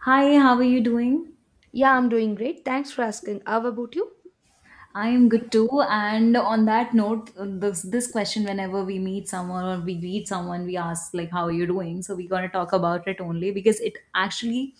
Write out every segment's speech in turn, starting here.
Hi, how are you doing? Yeah, I'm doing great. Thanks for asking. How about you? I am good too. And on that note, this question, whenever we meet someone or we greet someone, we ask like, "How are you doing?" So we're gonna talk about it only because it actually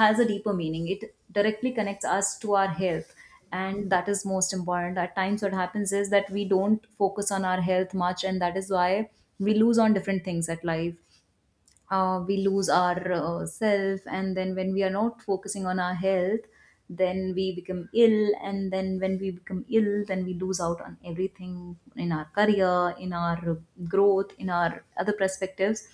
has a deeper meaning. It directly connects us to our health, and that is most important. At times, what happens is that we don't focus on our health much, and that is why we lose on different things at life. We lose our self. And then when we are not focusing on our health, then we become ill, and then when we become ill, then we lose out on everything in our career, in our growth, in our other perspectives.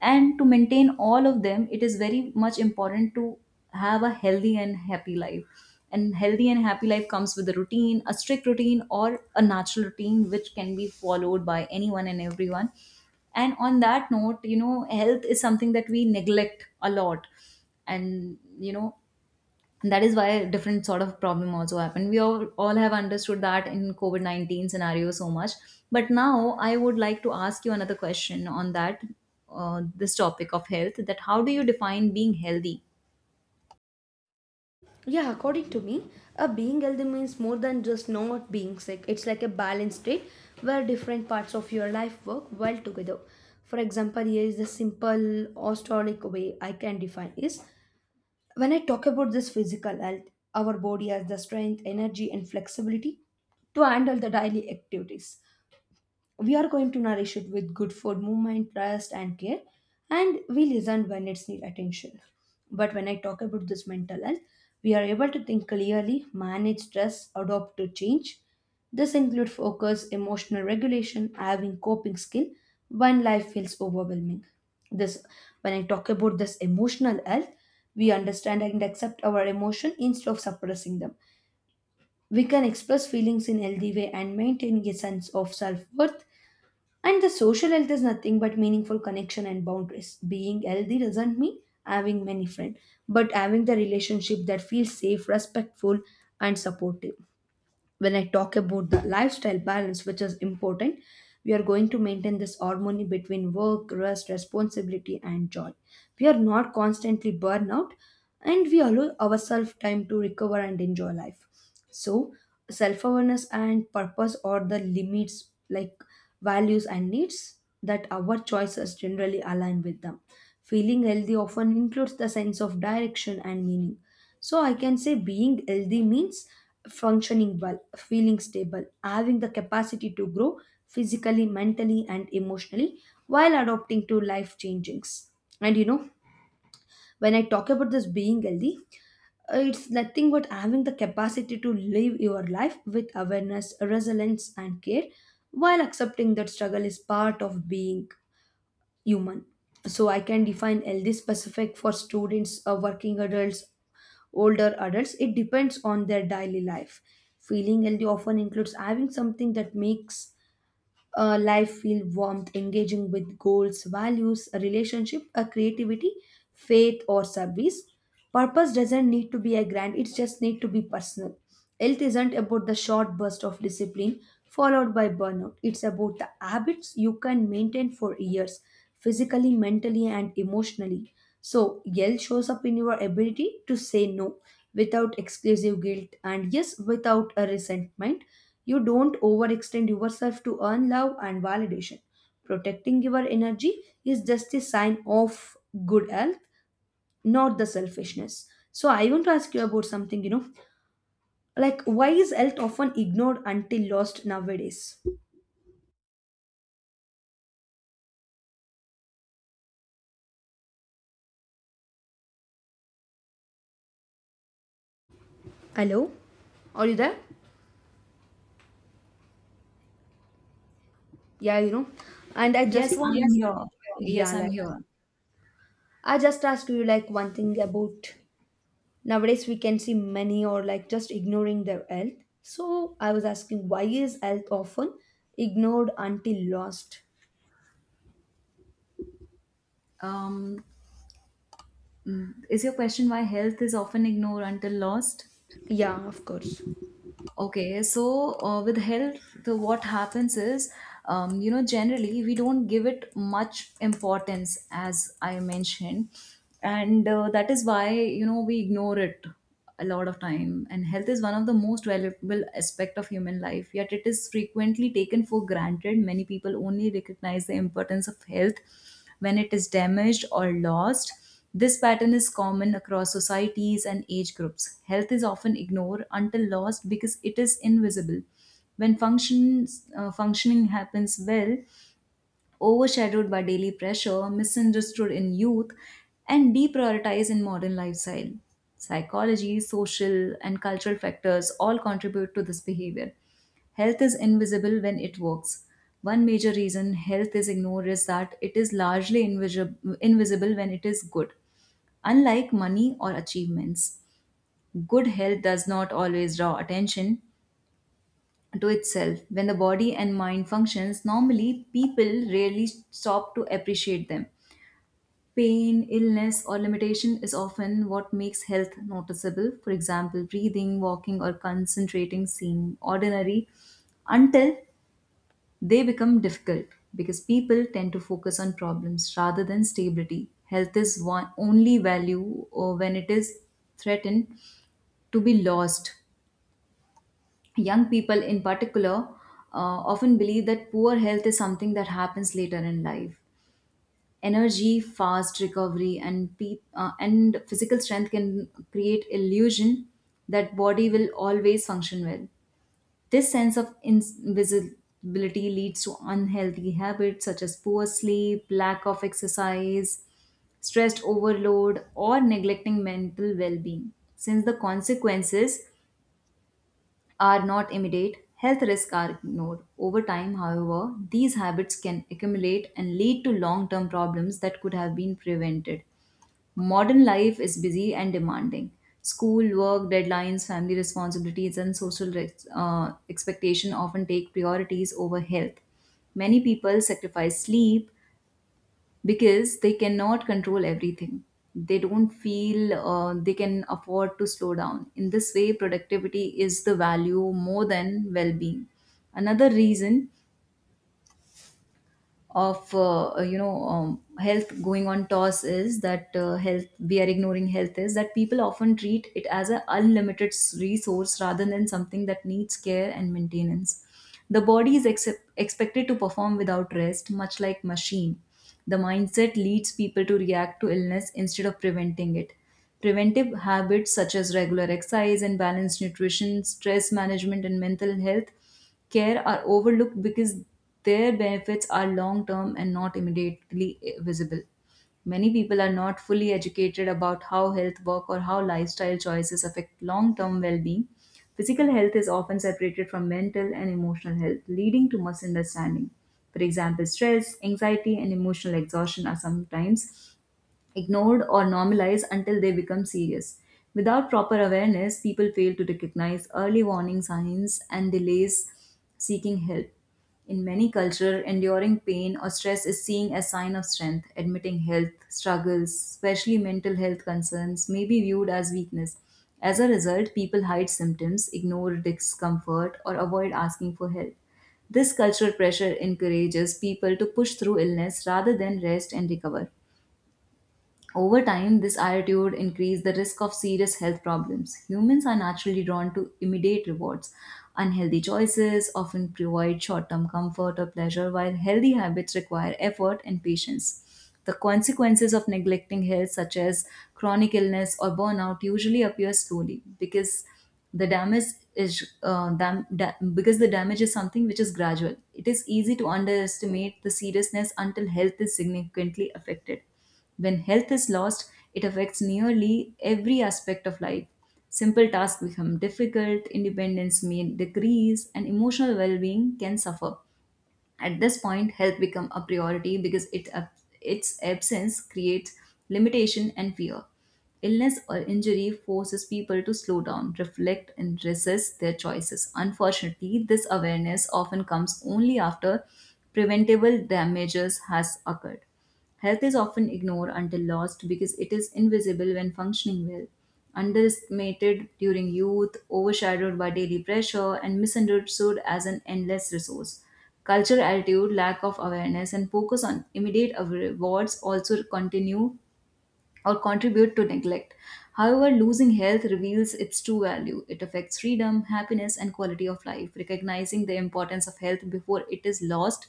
And to maintain all of them, it is very much important to have a healthy and happy life. And healthy and happy life comes with a routine, a strict routine or a natural routine, which can be followed by anyone and everyone. And on that note, health is something that we neglect a lot. And that is why a different sort of problem also happen. We all have understood that in COVID-19 scenario so much. But now I would like to ask you another question on that. This topic of health, that how do you define being healthy? Yeah, according to me, a being healthy means more than just not being sick. It's like a balanced state where different parts of your life work well together. For example, here is the simple historic way I can define is when I talk about this physical health, our body has the strength, energy, and flexibility to handle the daily activities. We are going to nourish it with good food, movement, rest, and care, and we listen when it's need attention. But when I talk about this mental health, we are able to think clearly, manage stress, adopt to change. This include focus, emotional regulation, having coping skill when life feels overwhelming. This when I talk about this emotional health, we understand and accept our emotion instead of suppressing them. We can express feelings in healthy way and maintain a sense of self-worth, and the social health is nothing but meaningful connection and boundaries. Being healthy doesn't mean having many friends, but having the relationship that feels safe, respectful, and supportive. When I talk about the lifestyle balance, which is important, we are going to maintain this harmony between work, rest, responsibility, and joy. We are not constantly burnout, and we allow ourselves time to recover and enjoy life. So, self awareness and purpose are the limits, like values and needs that our choices generally align with them. Feeling healthy often includes the sense of direction and meaning, so I can say being healthy means functioning well, feeling stable, having the capacity to grow physically, mentally, and emotionally while adapting to life changings. And you know, when I talk about this being healthy, it's nothing but having the capacity to live your life with awareness, resilience, and care while accepting that struggle is part of being human. So I can define healthy specific for students, working adults, older adults. It depends on their daily life. Feeling healthy often includes having something that makes life feel warmth, engaging with goals, values, a relationship, a creativity, faith, or service. Purpose doesn't need to be a grand, it just need to be personal. Health isn't about the short burst of discipline followed by burnout. It's about the habits you can maintain for years physically, mentally, and emotionally. So, yell shows up in your ability to say no without exclusive guilt and yes, without a resentment. You don't overextend yourself to earn love and validation. Protecting your energy is just a sign of good health, not the selfishness. So, I want to ask you about something, you know, like why is health often ignored until lost nowadays? Hello? Are you there? Yeah, and I Yes, just want, I am Yes. here. Yeah, Yes, like, I'm here. I just asked you like one thing about nowadays we can see many or like just ignoring their health. So I was asking why is health often ignored until lost? um, is your question why health is often ignored until lost? Yeah, of course. Okay, so with health, what happens is, generally we don't give it much importance, as I mentioned, and that is why we ignore it a lot of time. And health is one of the most valuable aspect of human life, yet it is frequently taken for granted. Many people only recognize the importance of health when it is damaged or lost. This pattern is common across societies and age groups. Health is often ignored until lost because it is invisible. When functioning happens well, overshadowed by daily pressure, misunderstood in youth, and deprioritized in modern lifestyle. Psychology, social, and cultural factors all contribute to this behavior. Health is invisible when it works. One major reason health is ignored is that it is largely invisible when it is good. Unlike money or achievements, good health does not always draw attention to itself. When the body and mind functions normally, people rarely stop to appreciate them. Pain, illness, or limitation is often what makes health noticeable. For example, breathing, walking, or concentrating seem ordinary until they become difficult, because people tend to focus on problems rather than stability. Health is one only value when it is threatened to be lost. Young people, in particular, often believe that poor health is something that happens later in life. Energy, fast recovery, and physical strength can create illusion that body will always function well. This sense of invisibility leads to unhealthy habits such as poor sleep, lack of exercise, stressed overload, or neglecting mental well being. Since the consequences are not immediate, health risks are ignored. Over time, however, these habits can accumulate and lead to long term problems that could have been prevented. Modern life is busy and demanding. School, work, deadlines, family responsibilities, and social expectation often take priorities over health. Many people sacrifice sleep, because they cannot control everything. They don't feel they can afford to slow down. In this way, productivity is the value more than well being. Another reason of health going on toss is that health we are ignoring health is that people often treat it as an unlimited resource rather than something that needs care and maintenance. The body is expected to perform without rest, much like machine. The mindset leads people to react to illness instead of preventing it. Preventive habits such as regular exercise and balanced nutrition, stress management, and mental health care are overlooked because their benefits are long term and not immediately visible. Many people are not fully educated about how health work or how lifestyle choices affect long term well being. Physical health is often separated from mental and emotional health, leading to misunderstanding. For example, stress, anxiety, and emotional exhaustion are sometimes ignored or normalized until they become serious. Without proper awareness, people fail to recognize early warning signs and delays seeking help. In many cultures, enduring pain or stress is seen as sign of strength. Admitting health struggles, especially mental health concerns, may be viewed as weakness. As a result, people hide symptoms, ignore discomfort, or avoid asking for help. This cultural pressure encourages people to push through illness rather than rest and recover. Over time, this attitude increased the risk of serious health problems. Humans are naturally drawn to immediate rewards. Unhealthy choices often provide short term comfort or pleasure, while healthy habits require effort and patience. The consequences of neglecting health, such as chronic illness or burnout, usually appear slowly because the damage is something which is gradual. It is easy to underestimate the seriousness until health is significantly affected. When health is lost, it affects nearly every aspect of life. Simple tasks become difficult, independence may decrease, and emotional well being can suffer. At this point, health becomes a priority because its absence creates limitation and fear. Illness or injury forces people to slow down, reflect, and resist their choices. Unfortunately, this awareness often comes only after preventable damages has occurred. Health is often ignored until lost because it is invisible when functioning well, underestimated during youth, overshadowed by daily pressure, and misunderstood as an endless resource. Cultural attitude, lack of awareness, and focus on immediate rewards also continue or contribute to neglect. However, losing health reveals its true value. It affects freedom, happiness, and quality of life. Recognizing the importance of health before it is lost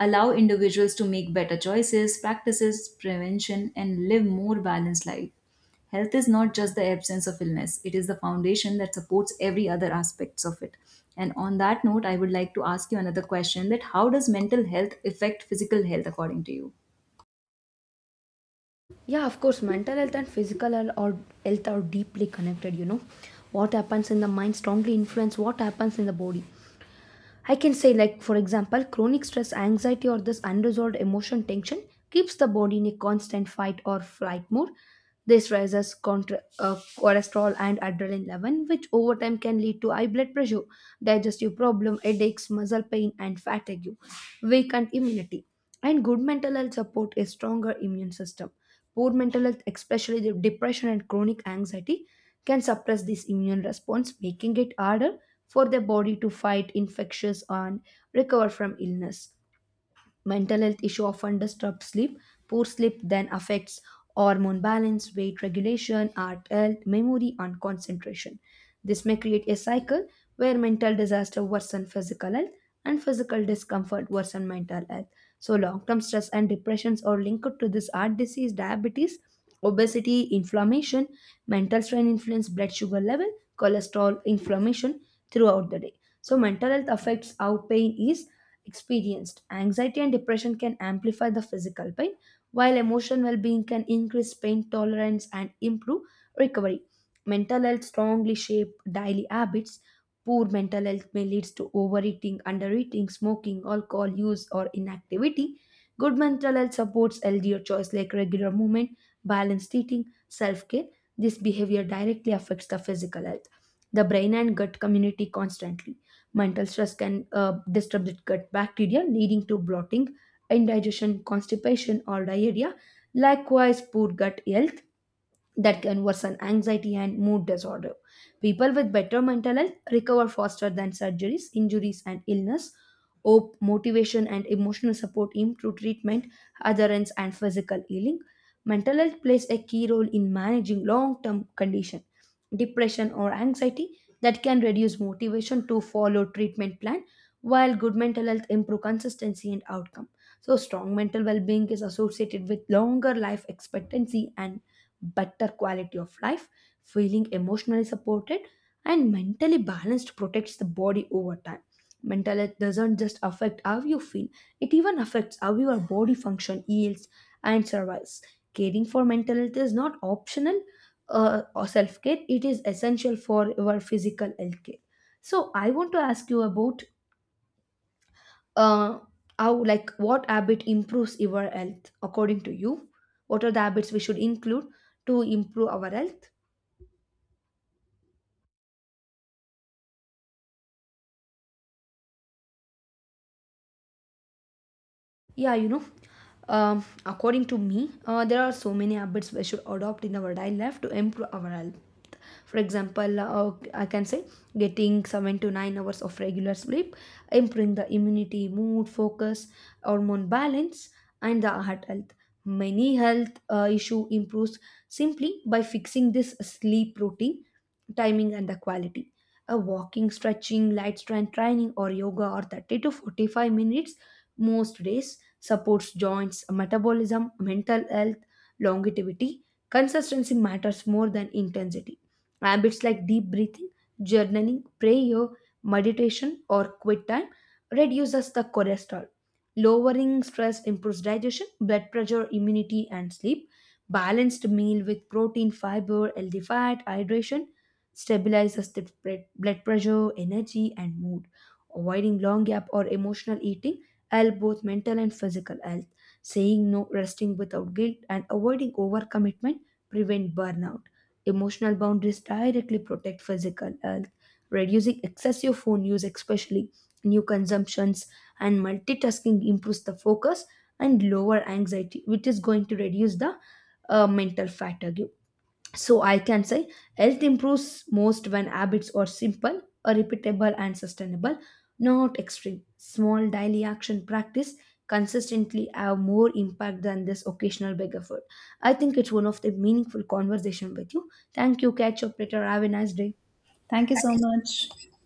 allow individuals to make better choices, practices prevention, and live more balanced life. Health is not just the absence of illness, it is the foundation that supports every other aspects of it. And on that note, I would like to ask you another question, that how does mental health affect physical health according to you? Mental health and physical health health are deeply connected. You know, what happens in the mind strongly influence what happens in the body. I can say, like, for example, chronic stress, anxiety, or this unresolved emotion tension keeps the body in a constant fight or flight mode. This raises cholesterol and adrenaline level, which over time can lead to high blood pressure, digestive problem, headaches, muscle pain, and fatigue, weakened immunity. And good mental health support a stronger immune system. Poor mental health, especially the depression and chronic anxiety, can suppress this immune response, making it harder for the body to fight infections and recover from illness. Mental health issue often disrupt sleep. Poor sleep then affects hormone balance, weight regulation, heart health, memory, and concentration. This may create a cycle where mental disaster worsen physical health and physical discomfort worsen mental health. So long-term stress and depressions are linked to this heart disease, diabetes, obesity, inflammation. Mental strain influence blood sugar level, cholesterol, inflammation throughout the day. So, mental health affects how pain is experienced. Anxiety and depression can amplify the physical pain, while emotional well being can increase pain tolerance and improve recovery. Mental health strongly shape daily habits. Poor mental health may lead to overeating, undereating, smoking, alcohol use, or inactivity. Good mental health supports healthier choice like regular movement, balanced eating, self care. This behavior directly affects the physical health. The brain and gut community constantly. Mental stress can disturb the gut bacteria, leading to bloating, indigestion, constipation, or diarrhea. Likewise, poor gut health that can worsen anxiety and mood disorder. People with better mental health recover faster than surgeries, injuries, and illness. Hope, motivation, and emotional support improve treatment, adherence, and physical healing. Mental health plays a key role in managing long term condition. Depression, or anxiety that can reduce motivation to follow treatment plan, while good mental health improve consistency and outcome. So strong mental well-being is associated with longer life expectancy and better quality of life, feeling emotionally supported, and mentally balanced protects the body over time. Mental health doesn't just affect how you feel, it even affects how your body function yields and survives. Caring for mental health is not optional or self care, it is essential for your physical health care. So, I want to ask you about uh, how, like, what habit improves your health according to you? What are the habits we should include to improve our health? Yeah, you know, according to me, there are so many habits we should adopt in our daily life to improve our health. For example, I can say getting 7 to 9 hours of regular sleep, improving the immunity, mood, focus, hormone balance, and the heart health. Many health issue improves simply by fixing this sleep routine, timing, and the quality. A walking, stretching, light strength training, or yoga, or 30 to 45 minutes most days supports joints, metabolism, mental health, longevity. Consistency matters more than intensity. Habits like deep breathing, journaling, prayer, meditation, or quiet time reduces the cholesterol. Lowering stress improves digestion, blood pressure, immunity, and sleep. Balanced meal with protein, fiber, healthy fat, hydration stabilizes the blood pressure, energy, and mood. Avoiding long gap or emotional eating help both mental and physical health. Saying no, resting without guilt, and avoiding overcommitment prevent burnout. Emotional boundaries directly protect physical health. Reducing excessive phone use, especially new consumptions and multitasking, improves the focus and lower anxiety, which is going to reduce the mental fatigue. So I can say health improves most when habits are simple, repeatable, and sustainable, not extreme. Small daily action practice consistently have more impact than this occasional big effort. I think it's one of the meaningful conversation with you. Thank you. Catch up later. Have a nice day. Thank you Thank so you. much.